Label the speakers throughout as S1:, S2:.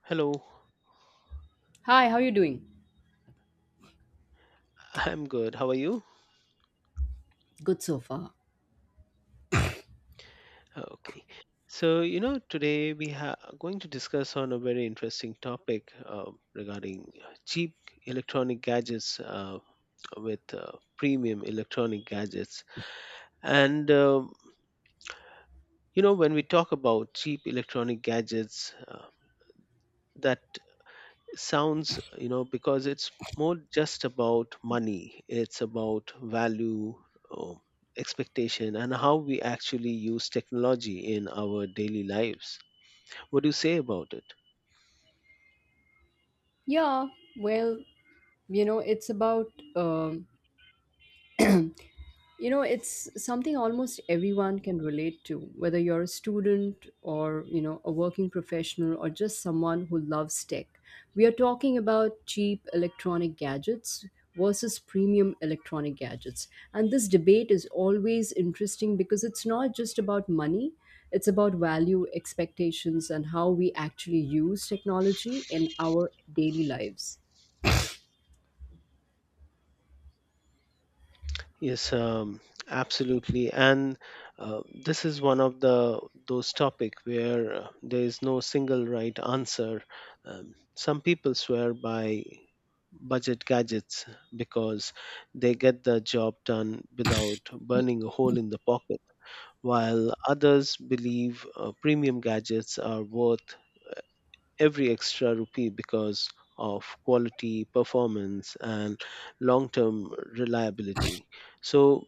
S1: Hello,
S2: Hi, how you doing?
S1: I'm good. How are you?
S2: Good so far.
S1: Okay. So, today we are going to discuss on a very interesting topic regarding cheap electronic gadgets with premium electronic gadgets. And, um you know, when we talk about cheap electronic gadgets, that sounds because it's more just about money, it's about value, um, expectation, and how we actually use technology in our daily lives. What do you say about it?
S2: Yeah, well, you know, it's about um You know, it's something almost everyone can relate to, whether you're a student or, you know, a working professional or just someone who loves tech. We are talking about cheap electronic gadgets versus premium electronic gadgets. And this debate is always interesting because it's not just about money, it's about value, expectations, and how we actually use technology in our daily lives.
S1: Yes, absolutely. And this is one of the those topic where there is no single right answer. Some people swear by budget gadgets because they get the job done without burning a hole in the pocket, while others believe premium gadgets are worth every extra rupee because of quality, performance, and long-term reliability. So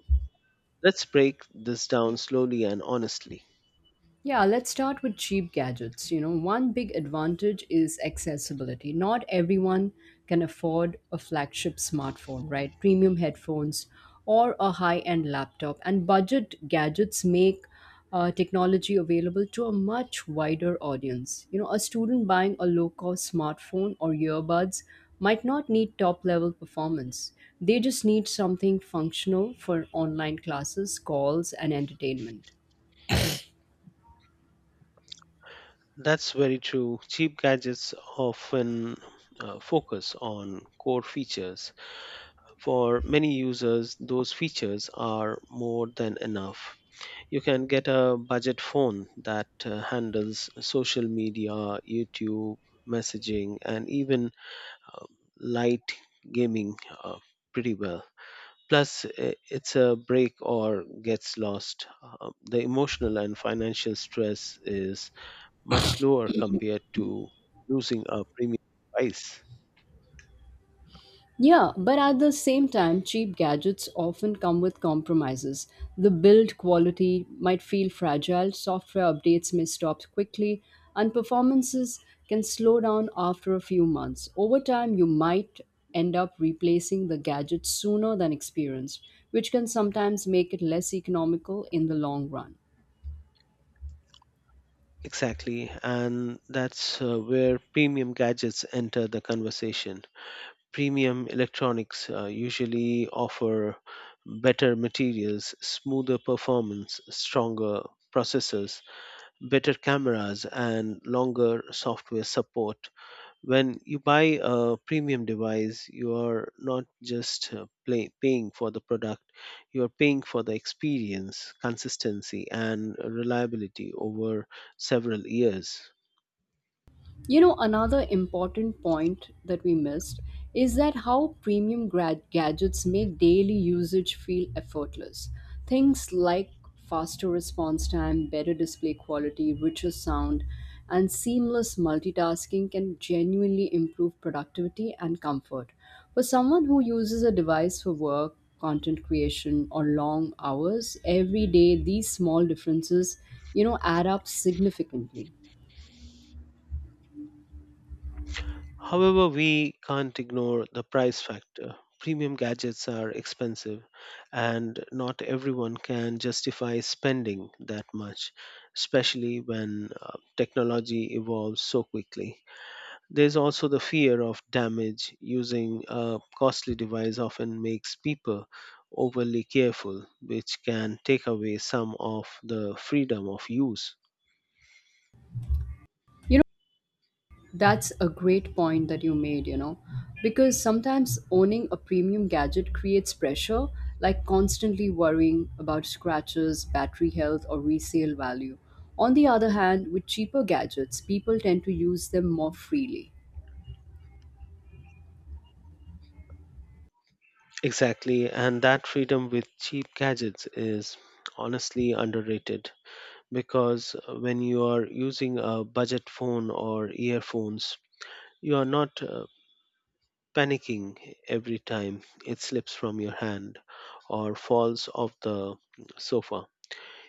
S1: let's break this down slowly and honestly.
S2: Yeah, let's start with cheap gadgets. You know, one big advantage is accessibility. Not everyone can afford a flagship smartphone, right? Premium headphones or a high end laptop. And budget gadgets make technology available to a much wider audience. You know, a student buying a low cost smartphone or earbuds might not need top level performance. They just need something functional for online classes, calls, and entertainment.
S1: That's very true. Cheap gadgets often focus on core features. For many users, those features are more than enough. You can get a budget phone that handles social media, YouTube, messaging, and even light gaming uh, pretty well. Plus, it's a break or gets lost. The emotional and financial stress is much lower compared to losing a premium device.
S2: Yeah, but at the same time, cheap gadgets often come with compromises. The build quality might feel fragile, software updates may stop quickly, and performances can slow down after a few months. Over time, you might end up replacing the gadget sooner than experienced, which can sometimes make it less economical in the long run.
S1: Exactly, and that's where premium gadgets enter the conversation. Premium electronics usually offer better materials, smoother performance, stronger processors, better cameras, and longer software support. When you buy a premium device, you are not just paying for the product, you are paying for the experience, consistency, and reliability over several years.
S2: You know, another important point that we missed is that how premium grad gadgets make daily usage feel effortless. Things like faster response time, better display quality, richer sound, and seamless multitasking can genuinely improve productivity and comfort. For someone who uses a device for work, content creation, or long hours every day, these small differences, you know, add up significantly.
S1: However, we can't ignore the price factor. Premium gadgets are expensive, and not everyone can justify spending that much, especially when technology evolves so quickly. There's also the fear of damage. Using a costly device often makes people overly careful, which can take away some of the freedom of use.
S2: That's a great point that you made, you know, because sometimes owning a premium gadget creates pressure, like constantly worrying about scratches, battery health, or resale value. On the other hand, with cheaper gadgets, people tend to use them more freely.
S1: Exactly, and that freedom with cheap gadgets is honestly underrated because when you are using a budget phone or earphones, you are not panicking every time it slips from your hand or falls off the sofa.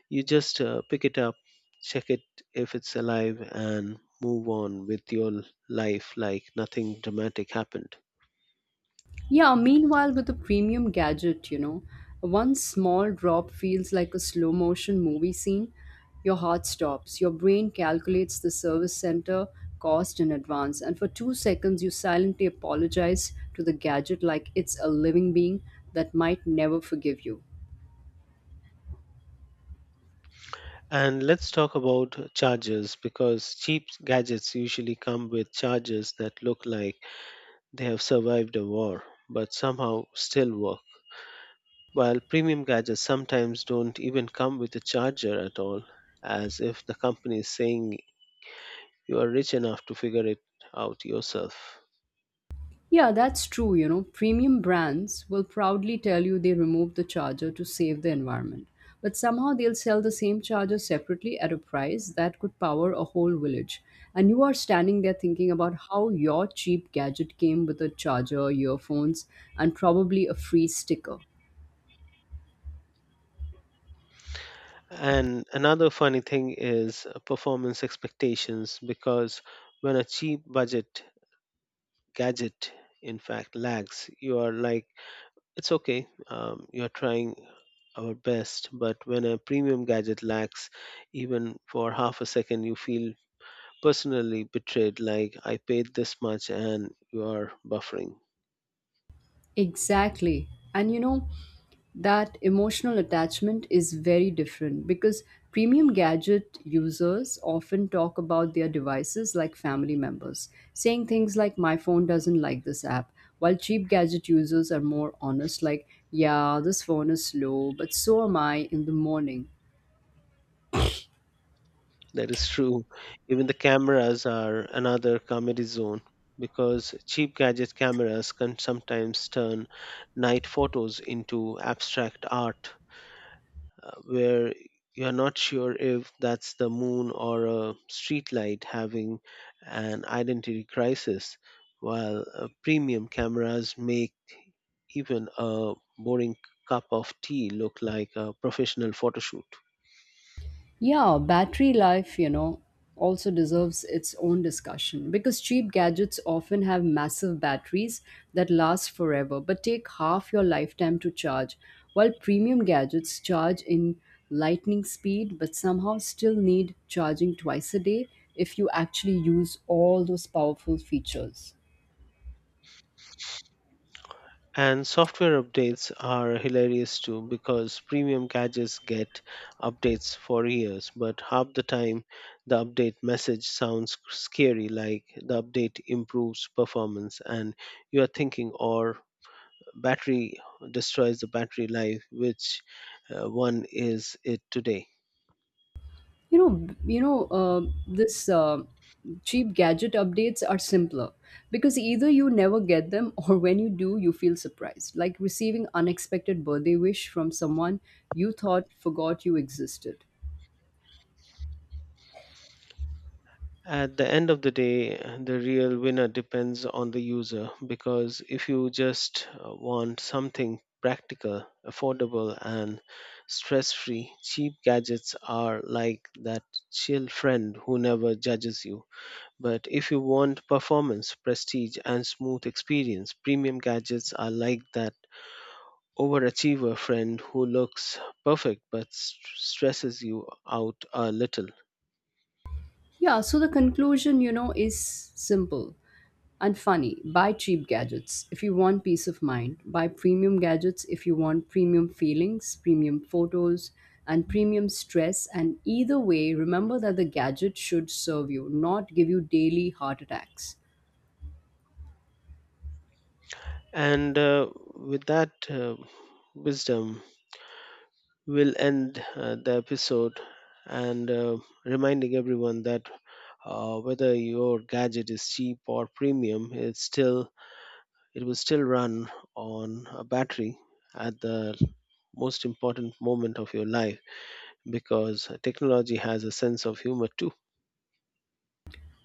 S1: You just pick it up, check it if it's alive, and move on with your life like nothing dramatic happened.
S2: Yeah, meanwhile, with a premium gadget, you know, one small drop feels like a slow motion movie scene. Your heart stops, your brain calculates the service center cost in advance, and for 2 seconds, you silently apologize to the gadget like it's a living being that might never forgive you.
S1: And let's talk about chargers because cheap gadgets usually come with chargers that look like they have survived a war but somehow still work, while premium gadgets sometimes don't even come with a charger at all, as if the company is saying you are rich enough to figure it out yourself.
S2: Yeah, that's true. You know, premium brands will proudly tell you they removed the charger to save the environment. But somehow they'll sell the same charger separately at a price that could power a whole village. And you are standing there thinking about how your cheap gadget came with a charger, earphones, and probably a free sticker.
S1: And another funny thing is performance expectations because when a cheap budget gadget in fact lags, you are like, it's okay, you're trying our best. But when a premium gadget lags, even for half a second, you feel personally betrayed, like, I paid this much and you are buffering.
S2: Exactly. And you know, that emotional attachment is very different because premium gadget users often talk about their devices like family members, saying things like, my phone doesn't like this app, while cheap gadget users are more honest, like, yeah, this phone is slow, but so am I in the morning.
S1: That is true. Even the cameras are another comedy zone because cheap gadget cameras can sometimes turn night photos into abstract art where you're not sure if that's the moon or a streetlight having an identity crisis, while premium cameras make even a boring cup of tea look like a professional photoshoot.
S2: Yeah, battery life, you know, also deserves its own discussion because cheap gadgets often have massive batteries that last forever but take half your lifetime to charge, while premium gadgets charge in lightning speed but somehow still need charging twice a day if you actually use all those powerful features.
S1: And software updates are hilarious too because premium gadgets get updates for years, but half the time the update message sounds scary, like the update improves performance and you are thinking or battery destroys the battery life, which one is it today.
S2: You know b- you know this Cheap gadget updates are simpler because either you never get them or when you do you feel surprised, like receiving unexpected birthday wish from someone you thought forgot you existed.
S1: At the end of the day, the real winner depends on the user because if you just want something practical, affordable, and stress free, cheap gadgets are like that chill friend who never judges you. But if you want performance, prestige, and smooth experience, premium gadgets are like that overachiever friend who looks perfect but stresses you out a little.
S2: Yeah, so the conclusion, you know, is simple and funny. Buy cheap gadgets if you want peace of mind. Buy premium gadgets if you want premium feelings, premium photos, and premium stress. And either way, remember that the gadget should serve you, not give you daily heart attacks.
S1: And with that wisdom, we'll end the episode and reminding everyone that whether your gadget is cheap or premium, it's still, it will still run on a battery at the most important moment of your life because technology has a sense of humor too.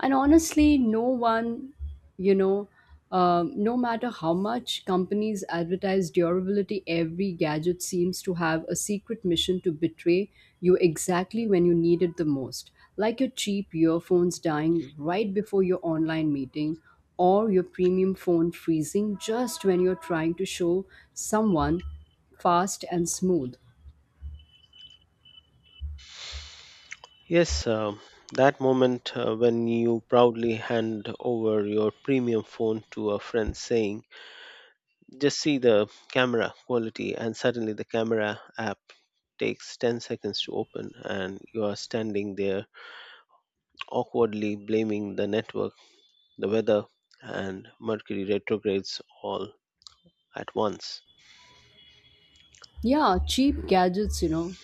S2: And honestly, no one, you know, no matter how much companies advertise durability, every gadget seems to have a secret mission to betray you exactly when you need it the most. Like your cheap earphones dying right before your online meeting, or your premium phone freezing just when you're trying to show someone fast and smooth.
S1: Yes, that moment when you proudly hand over your premium phone to a friend saying, just see the camera quality, and suddenly the camera app takes 10 seconds to open, and you are standing there awkwardly blaming the network, the weather, and Mercury retrogrades all at once.
S2: Yeah, cheap gadgets, you know,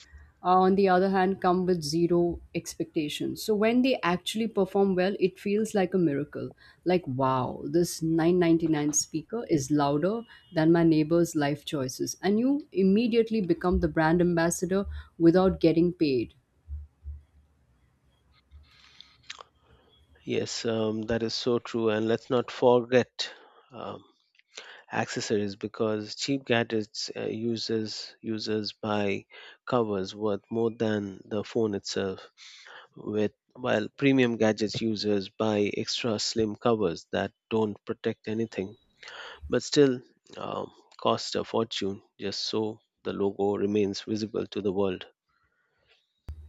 S2: on the other hand, come with zero expectations. So when they actually perform well, it feels like a miracle. Like, wow, this 999 speaker is louder than my neighbor's life choices. And you immediately become the brand ambassador without getting paid.
S1: Yes, that is so true. And let's not forget um, accessories because cheap gadgets uses users buy covers worth more than the phone itself, with while premium gadgets users buy extra slim covers that don't protect anything but still um, cost a fortune just so the logo remains visible to the world.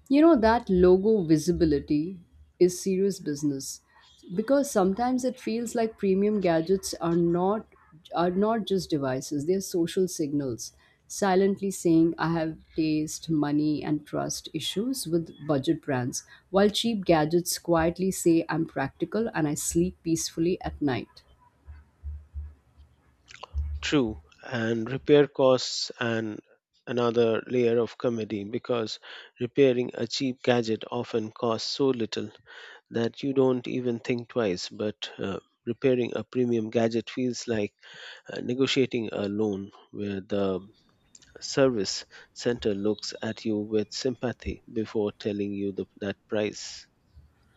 S2: You know, that logo visibility is serious business because sometimes it feels like premium gadgets are not just devices, they're social signals silently saying I have taste, money and trust issues with budget brands, while cheap gadgets quietly say I'm practical and I sleep peacefully at night.
S1: True. And repair costs and another layer of comedy because repairing a cheap gadget often costs so little that you don't even think twice, but repairing a premium gadget feels like negotiating a loan where the service center looks at you with sympathy before telling you that price.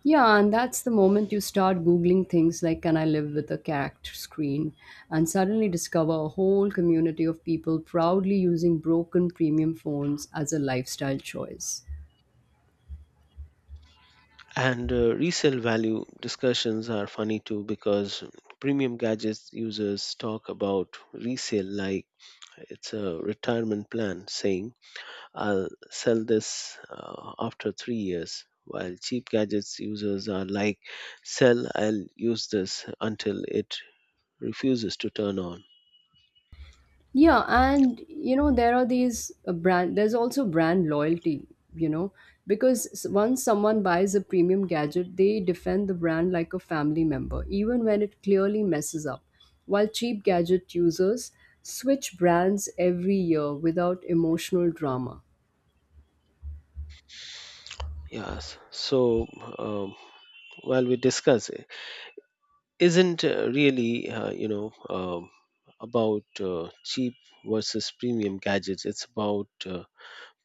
S2: Yeah, and that's the moment you start Googling things like can I live with a cat screen, and suddenly discover a whole community of people proudly using broken premium phones as a lifestyle choice.
S1: And resale value discussions are funny too because premium gadgets users talk about resale like it's a retirement plan, saying, I'll sell this after 3 years. While cheap gadgets users are like, sell, I'll use this until it refuses to turn on.
S2: Yeah, and you know there are these brand. There's also brand loyalty. You know, because once someone buys a premium gadget, they defend the brand like a family member, even when it clearly messes up. While cheap gadget users switch brands every year without emotional drama.
S1: Yes. So um, while we discuss isn't really about cheap versus premium gadgets, it's about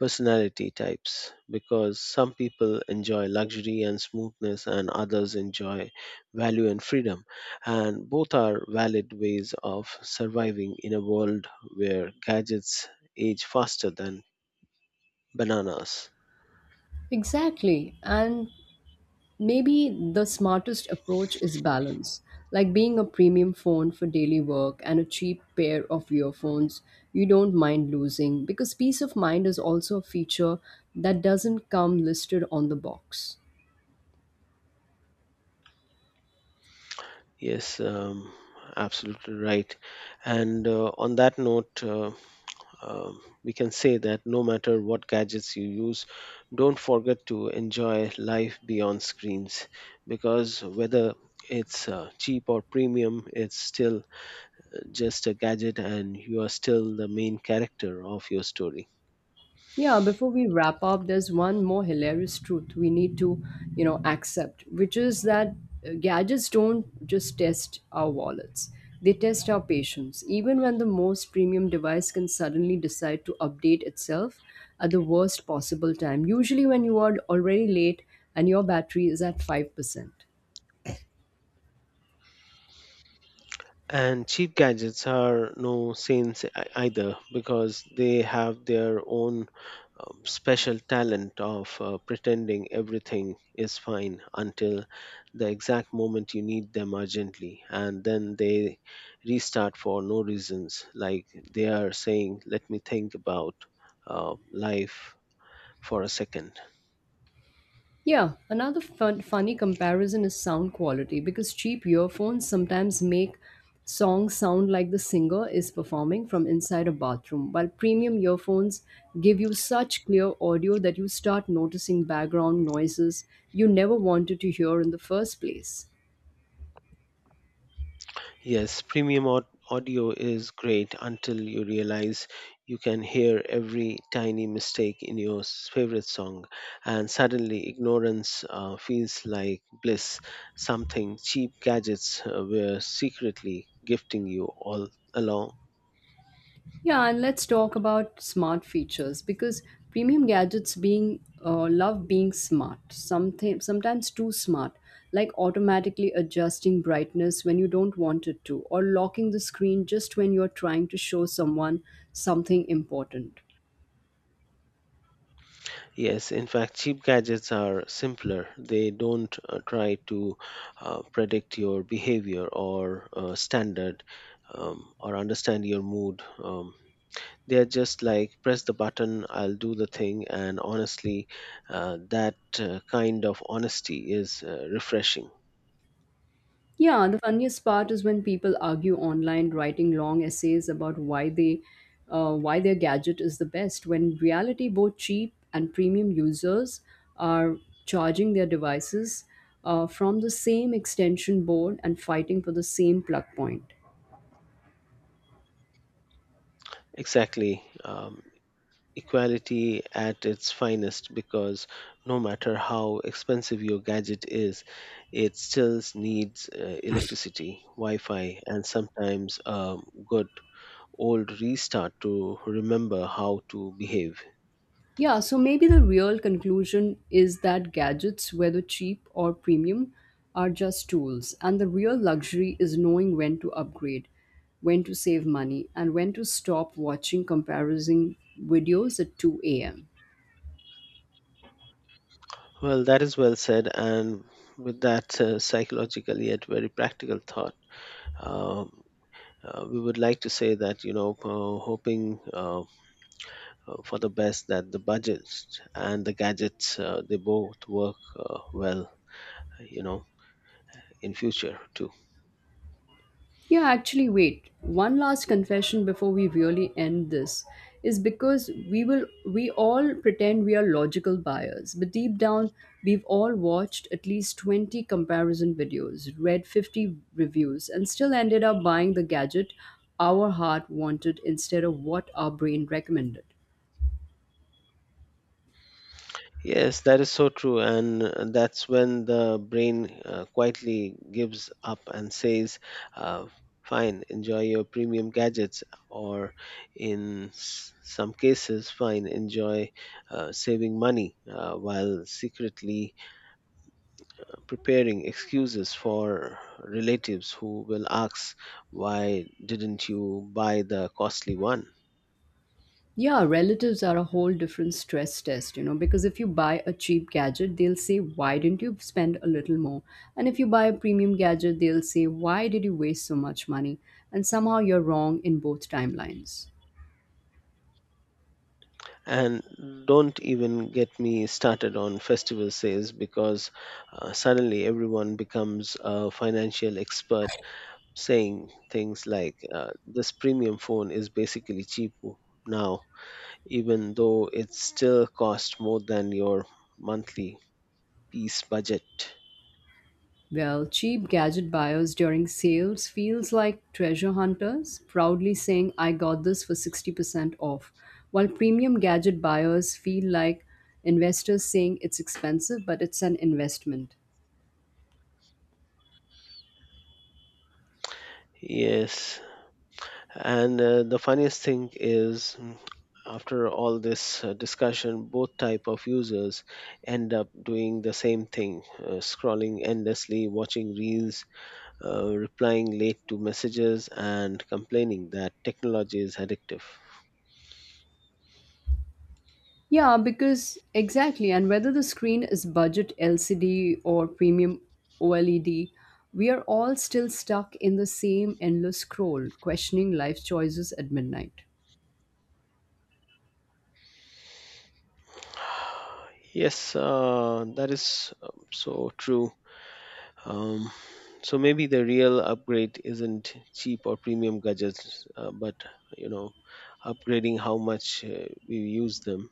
S1: personality types because some people enjoy luxury and smoothness and others enjoy value and freedom, and both are valid ways of surviving in a world where gadgets age faster than bananas.
S2: Exactly, and maybe the smartest approach is balance, like being a premium phone for daily work and a cheap pair of earphones you don't mind losing, because peace of mind is also a feature that doesn't come listed on the box.
S1: Yes, absolutely right. And on that note, we can say that no matter what gadgets you use, don't forget to enjoy life beyond screens because whether it's cheap or premium, it's still just a gadget and you are still the main character of your story.
S2: Yeah, before we wrap up, there's one more hilarious truth we need to, you know, accept, which is that gadgets don't just test our wallets. They test our patience. Even when the most premium device can suddenly decide to update itself at the worst possible time, usually when you are already late and your battery is at 5%.
S1: And cheap gadgets are no saints either because they have their own special talent of pretending everything is fine until the exact moment you need them urgently. And then they restart for no reasons. Like they are saying, let me think about life for a second.
S2: Yeah, another funny comparison is sound quality because cheap earphones sometimes make songs sound like the singer is performing from inside a bathroom, while premium earphones give you such clear audio that you start noticing background noises you never wanted to hear in the first place.
S1: Yes, premium audio is great until you realize you can hear every tiny mistake in your favorite song, and suddenly ignorance feels like bliss, something cheap gadgets were secretly gifting you all along.
S2: Yeah, and let's talk about smart features because premium gadgets being love being smart, something sometimes too smart, like automatically adjusting brightness when you don't want it to, or locking the screen just when you're trying to show someone something important.
S1: Yes, in fact, cheap gadgets are simpler. They don't try to predict your behavior or standard or understand your mood. They're just like, press the button, I'll do the thing. And honestly, that kind of honesty is refreshing.
S2: Yeah, the funniest part is when people argue online, writing long essays about why their gadget is the best. When in reality, both cheap and premium users are charging their devices from the same extension board and fighting for the same plug point.
S1: Exactly. Equality at its finest because no matter how expensive your gadget is, it still needs electricity, Wi Fi, and sometimes a good old restart to remember how to behave.
S2: Yeah, so maybe the real conclusion is that gadgets, whether cheap or premium, are just tools, and the real luxury is knowing when to upgrade, when to save money, and when to stop watching comparison videos at 2 a.m.
S1: Well, that is well said, and with that psychological yet very practical thought, Um, we would like to say that hoping for the best that the budgets and the gadgets they both work well, you know, in future too.
S2: Yeah, actually, wait. One last confession before we really end this is because we all pretend we are logical buyers, but deep down we've all watched at least 20 comparison videos, read 50 reviews, and still ended up buying the gadget our heart wanted instead of what our brain recommended.
S1: Yes, that is so true. And that's when the brain quietly gives up and says, uh, fine, enjoy your premium gadgets. Or in some cases, fine, enjoy saving money while secretly preparing excuses for relatives who will ask, why didn't you buy the costly one?
S2: Yeah, relatives are a whole different stress test, you know, because if you buy a cheap gadget, they'll say, why didn't you spend a little more? And if you buy a premium gadget, they'll say, why did you waste so much money? And somehow you're wrong in both timelines.
S1: And don't even get me started on festival sales because suddenly everyone becomes a financial expert saying things like, this premium phone is basically cheapo now, even though it still costs more than your monthly peace budget.
S2: Well, cheap gadget buyers during sales feels like treasure hunters, proudly saying, I got this for 60% off, while premium gadget buyers feel like investors saying it's expensive, but it's an investment.
S1: Yes. And the funniest thing is, after all this discussion, both type of users end up doing the same thing: scrolling endlessly, watching reels, replying late to messages, and complaining that technology is addictive.
S2: Yeah, because exactly, and whether the screen is budget LCD or premium OLED, we are all still stuck in the same endless scroll, questioning life choices at midnight.
S1: Yes, that is so true. Um, so maybe the real upgrade isn't cheap or premium gadgets, but, you know, upgrading how much we use them,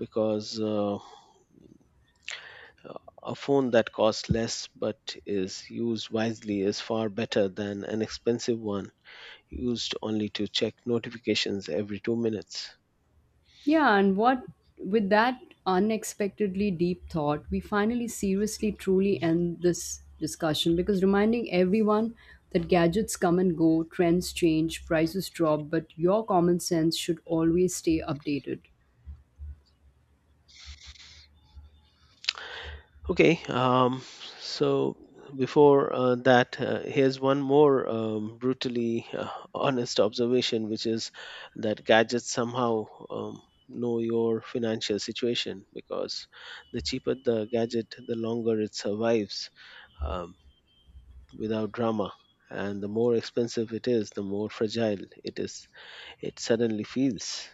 S1: because a phone that costs less but is used wisely is far better than an expensive one used only to check notifications every 2 minutes.
S2: Yeah, and what with that unexpectedly deep thought, we finally seriously truly end this discussion because reminding everyone that gadgets come and go, trends change, prices drop, but your common sense should always stay updated.
S1: Okay, so before that, here's one more brutally honest observation, which is that gadgets somehow um, know your financial situation because the cheaper the gadget, the longer it survives, Um, without drama, and the more expensive it is, the more fragile it is. It suddenly feels.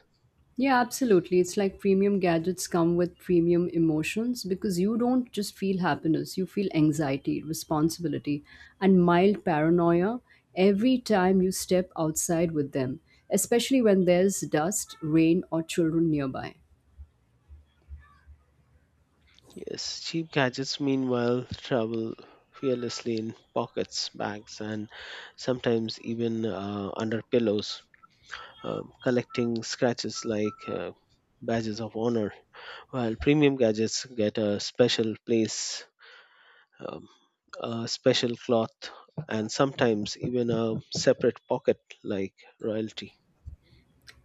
S2: Yeah, absolutely. It's like premium gadgets come with premium emotions because you don't just feel happiness, you feel anxiety, responsibility, and mild paranoia every time you step outside with them, especially when there's dust, rain, or children nearby.
S1: Yes, cheap gadgets meanwhile travel fearlessly in pockets, bags, and sometimes even under pillows, collecting scratches like badges of honor. While premium gadgets get a special place, um, a special cloth, and sometimes even a separate pocket like royalty.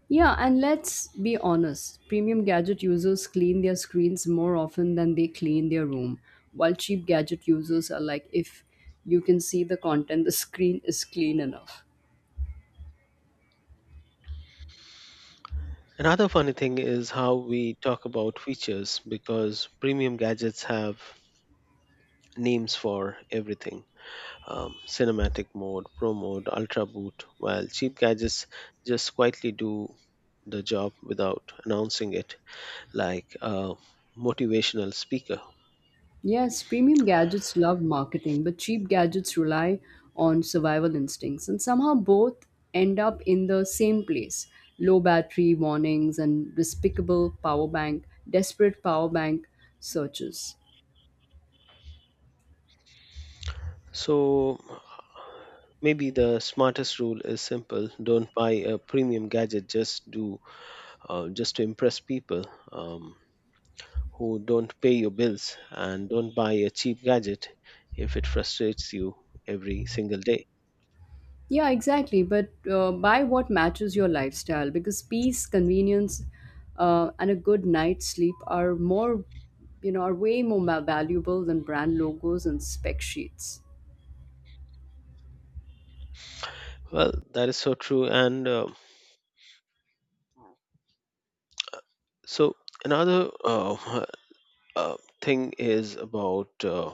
S2: Yeah, and let's be honest, premium gadget users clean their screens more often than they clean their room, while cheap gadget users are like, if you can see the content, the screen is clean enough.
S1: Another funny thing is how we talk about features because premium gadgets have names for everything, cinematic mode, pro mode, ultra boot, while cheap gadgets just quietly do the job without announcing it like a motivational speaker.
S2: Yes, premium gadgets love marketing, but cheap gadgets rely on survival instincts, and somehow both end up in the same place: low battery warnings and desperate power bank searches.
S1: So maybe the smartest rule is simple, don't buy a premium gadget just to impress people um, who don't pay your bills, and don't buy a cheap gadget if it frustrates you every single day.
S2: Yeah, exactly. But buy what matches your lifestyle because peace, convenience, and a good night's sleep are are way more valuable than brand logos and spec sheets.
S1: Well, that is so true. And so another uh, thing is about uh,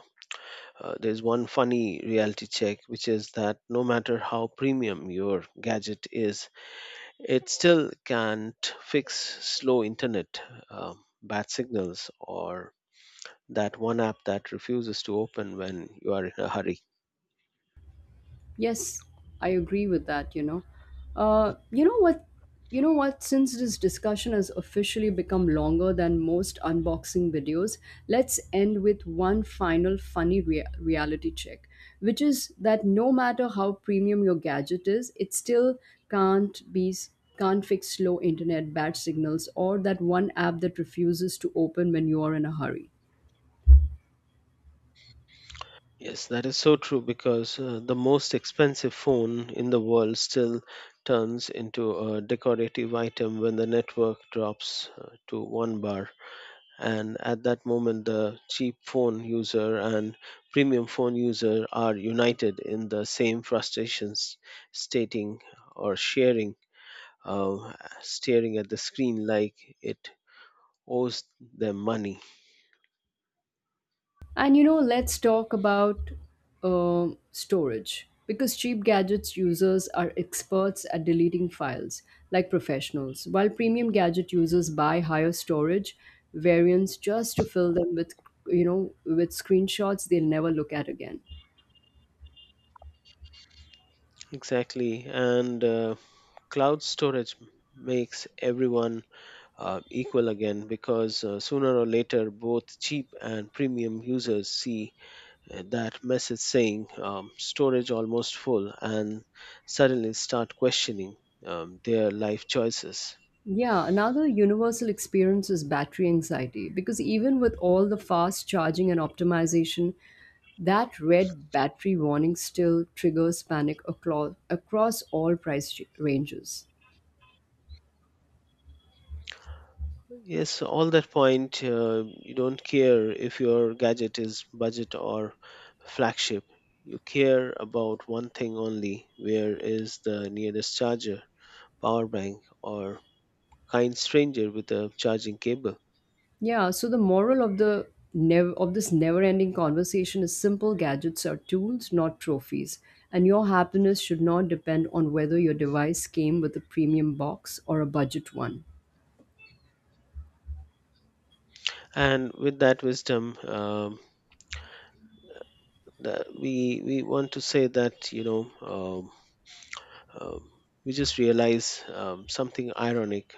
S1: uh, there's one funny reality check, which is that no matter how premium your gadget is, it still can't fix slow internet, uh, bad signals, or that one app that refuses to open when you are in a hurry.
S2: Yes, I agree with that, you know. Uh, you know what? You know what? Since this discussion has officially become longer than most unboxing videos, let's end with one final funny reality check, which is that no matter how premium your gadget is, it still can't be can't fix slow internet, bad signals, or that one app that refuses to open when you are in a hurry.
S1: Yes, that is so true because the most expensive phone in the world still turns into a decorative item when the network drops to one bar. And at that moment, the cheap phone user and premium phone user are united in the same frustrations, stating or sharing, uh, staring at the screen like it owes them money.
S2: And you know, let's talk about storage because cheap gadgets users are experts at deleting files like professionals, while premium gadget users buy higher storage variants just to fill them with with screenshots they'll never look at again.
S1: Exactly. And cloud storage makes everyone equal again because sooner or later both cheap and premium users see that message saying storage almost full, and suddenly start questioning their life choices.
S2: Yeah, another universal experience is battery anxiety because even with all the fast charging and optimization, that red battery warning still triggers panic across all price ranges.
S1: Yes, all that point, you don't care if your gadget is budget or flagship. You care about one thing only: where is the nearest charger, power bank, or kind stranger with a charging cable.
S2: Yeah, so the moral of the nev- of this never-ending conversation is simple: gadgets are tools, not trophies. And your happiness should not depend on whether your device came with a premium box or a budget one.
S1: And with that wisdom, that we want to say that um, we just realize something ironic,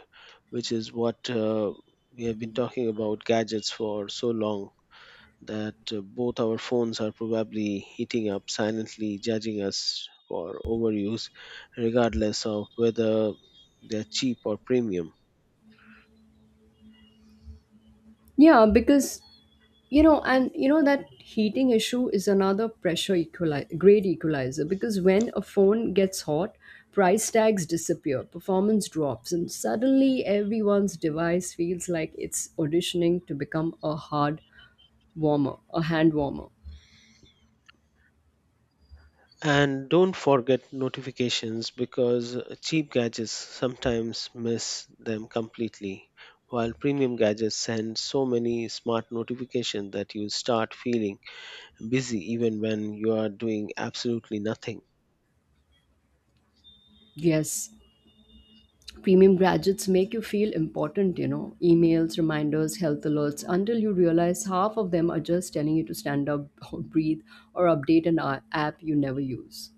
S1: which is what we have been talking about gadgets for so long that both our phones are probably heating up, silently judging us for overuse, regardless of whether they're cheap or premium.
S2: Yeah, because you know that heating issue is another pressure equalizer great equalizer because when a phone gets hot, price tags disappear, performance drops, and suddenly everyone's device feels like it's auditioning to become a hand warmer.
S1: And don't forget notifications, because cheap gadgets sometimes miss them completely, while premium gadgets send so many smart notifications that you start feeling busy even when you are doing absolutely nothing.
S2: Yes, premium gadgets make you feel important, you know, emails, reminders, health alerts, until you realize half of them are just telling you to stand up or breathe or update an app you never use.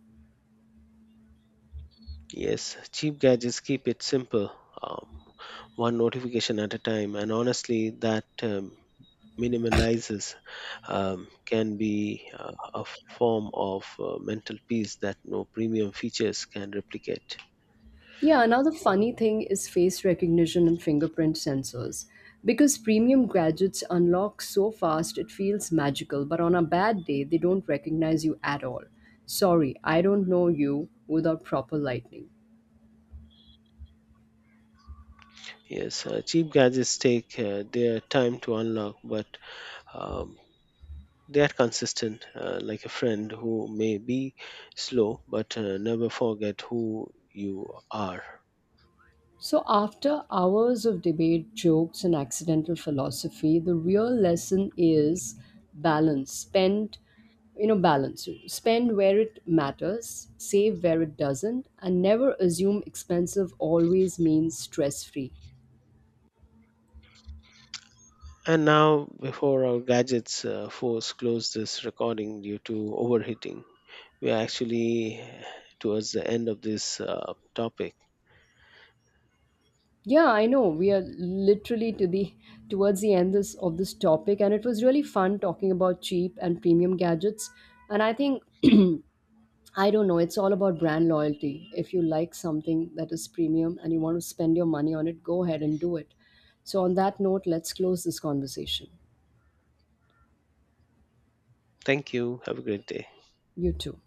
S1: Yes, cheap gadgets keep it simple, um, one notification at a time, and honestly, that minimalizes can be a form of mental peace that no premium features can replicate.
S2: Yeah, another funny thing is face recognition and fingerprint sensors. Because premium gadgets unlock so fast, it feels magical, but on a bad day, they don't recognize you at all. Sorry, I don't know you without proper lighting.
S1: Yes, cheap gadgets take their time to unlock, but um, they are consistent, like a friend who may be slow but never forget who you are.
S2: So, after hours of debate, jokes, and accidental philosophy, the real lesson is balance. Balance. Spend where it matters, save where it doesn't, and never assume expensive always means stress free.
S1: And now, before our gadgets force close this recording due to overheating, we are actually towards the end of this topic.
S2: Yeah, I know we are literally to the towards the end of this topic, and it was really fun talking about cheap and premium gadgets. And I think I don't know. It's all about brand loyalty. If you like something that is premium and you want to spend your money on it, go ahead and do it. So, on that note, let's close this conversation.
S1: Thank you. Have a great day.
S2: You too.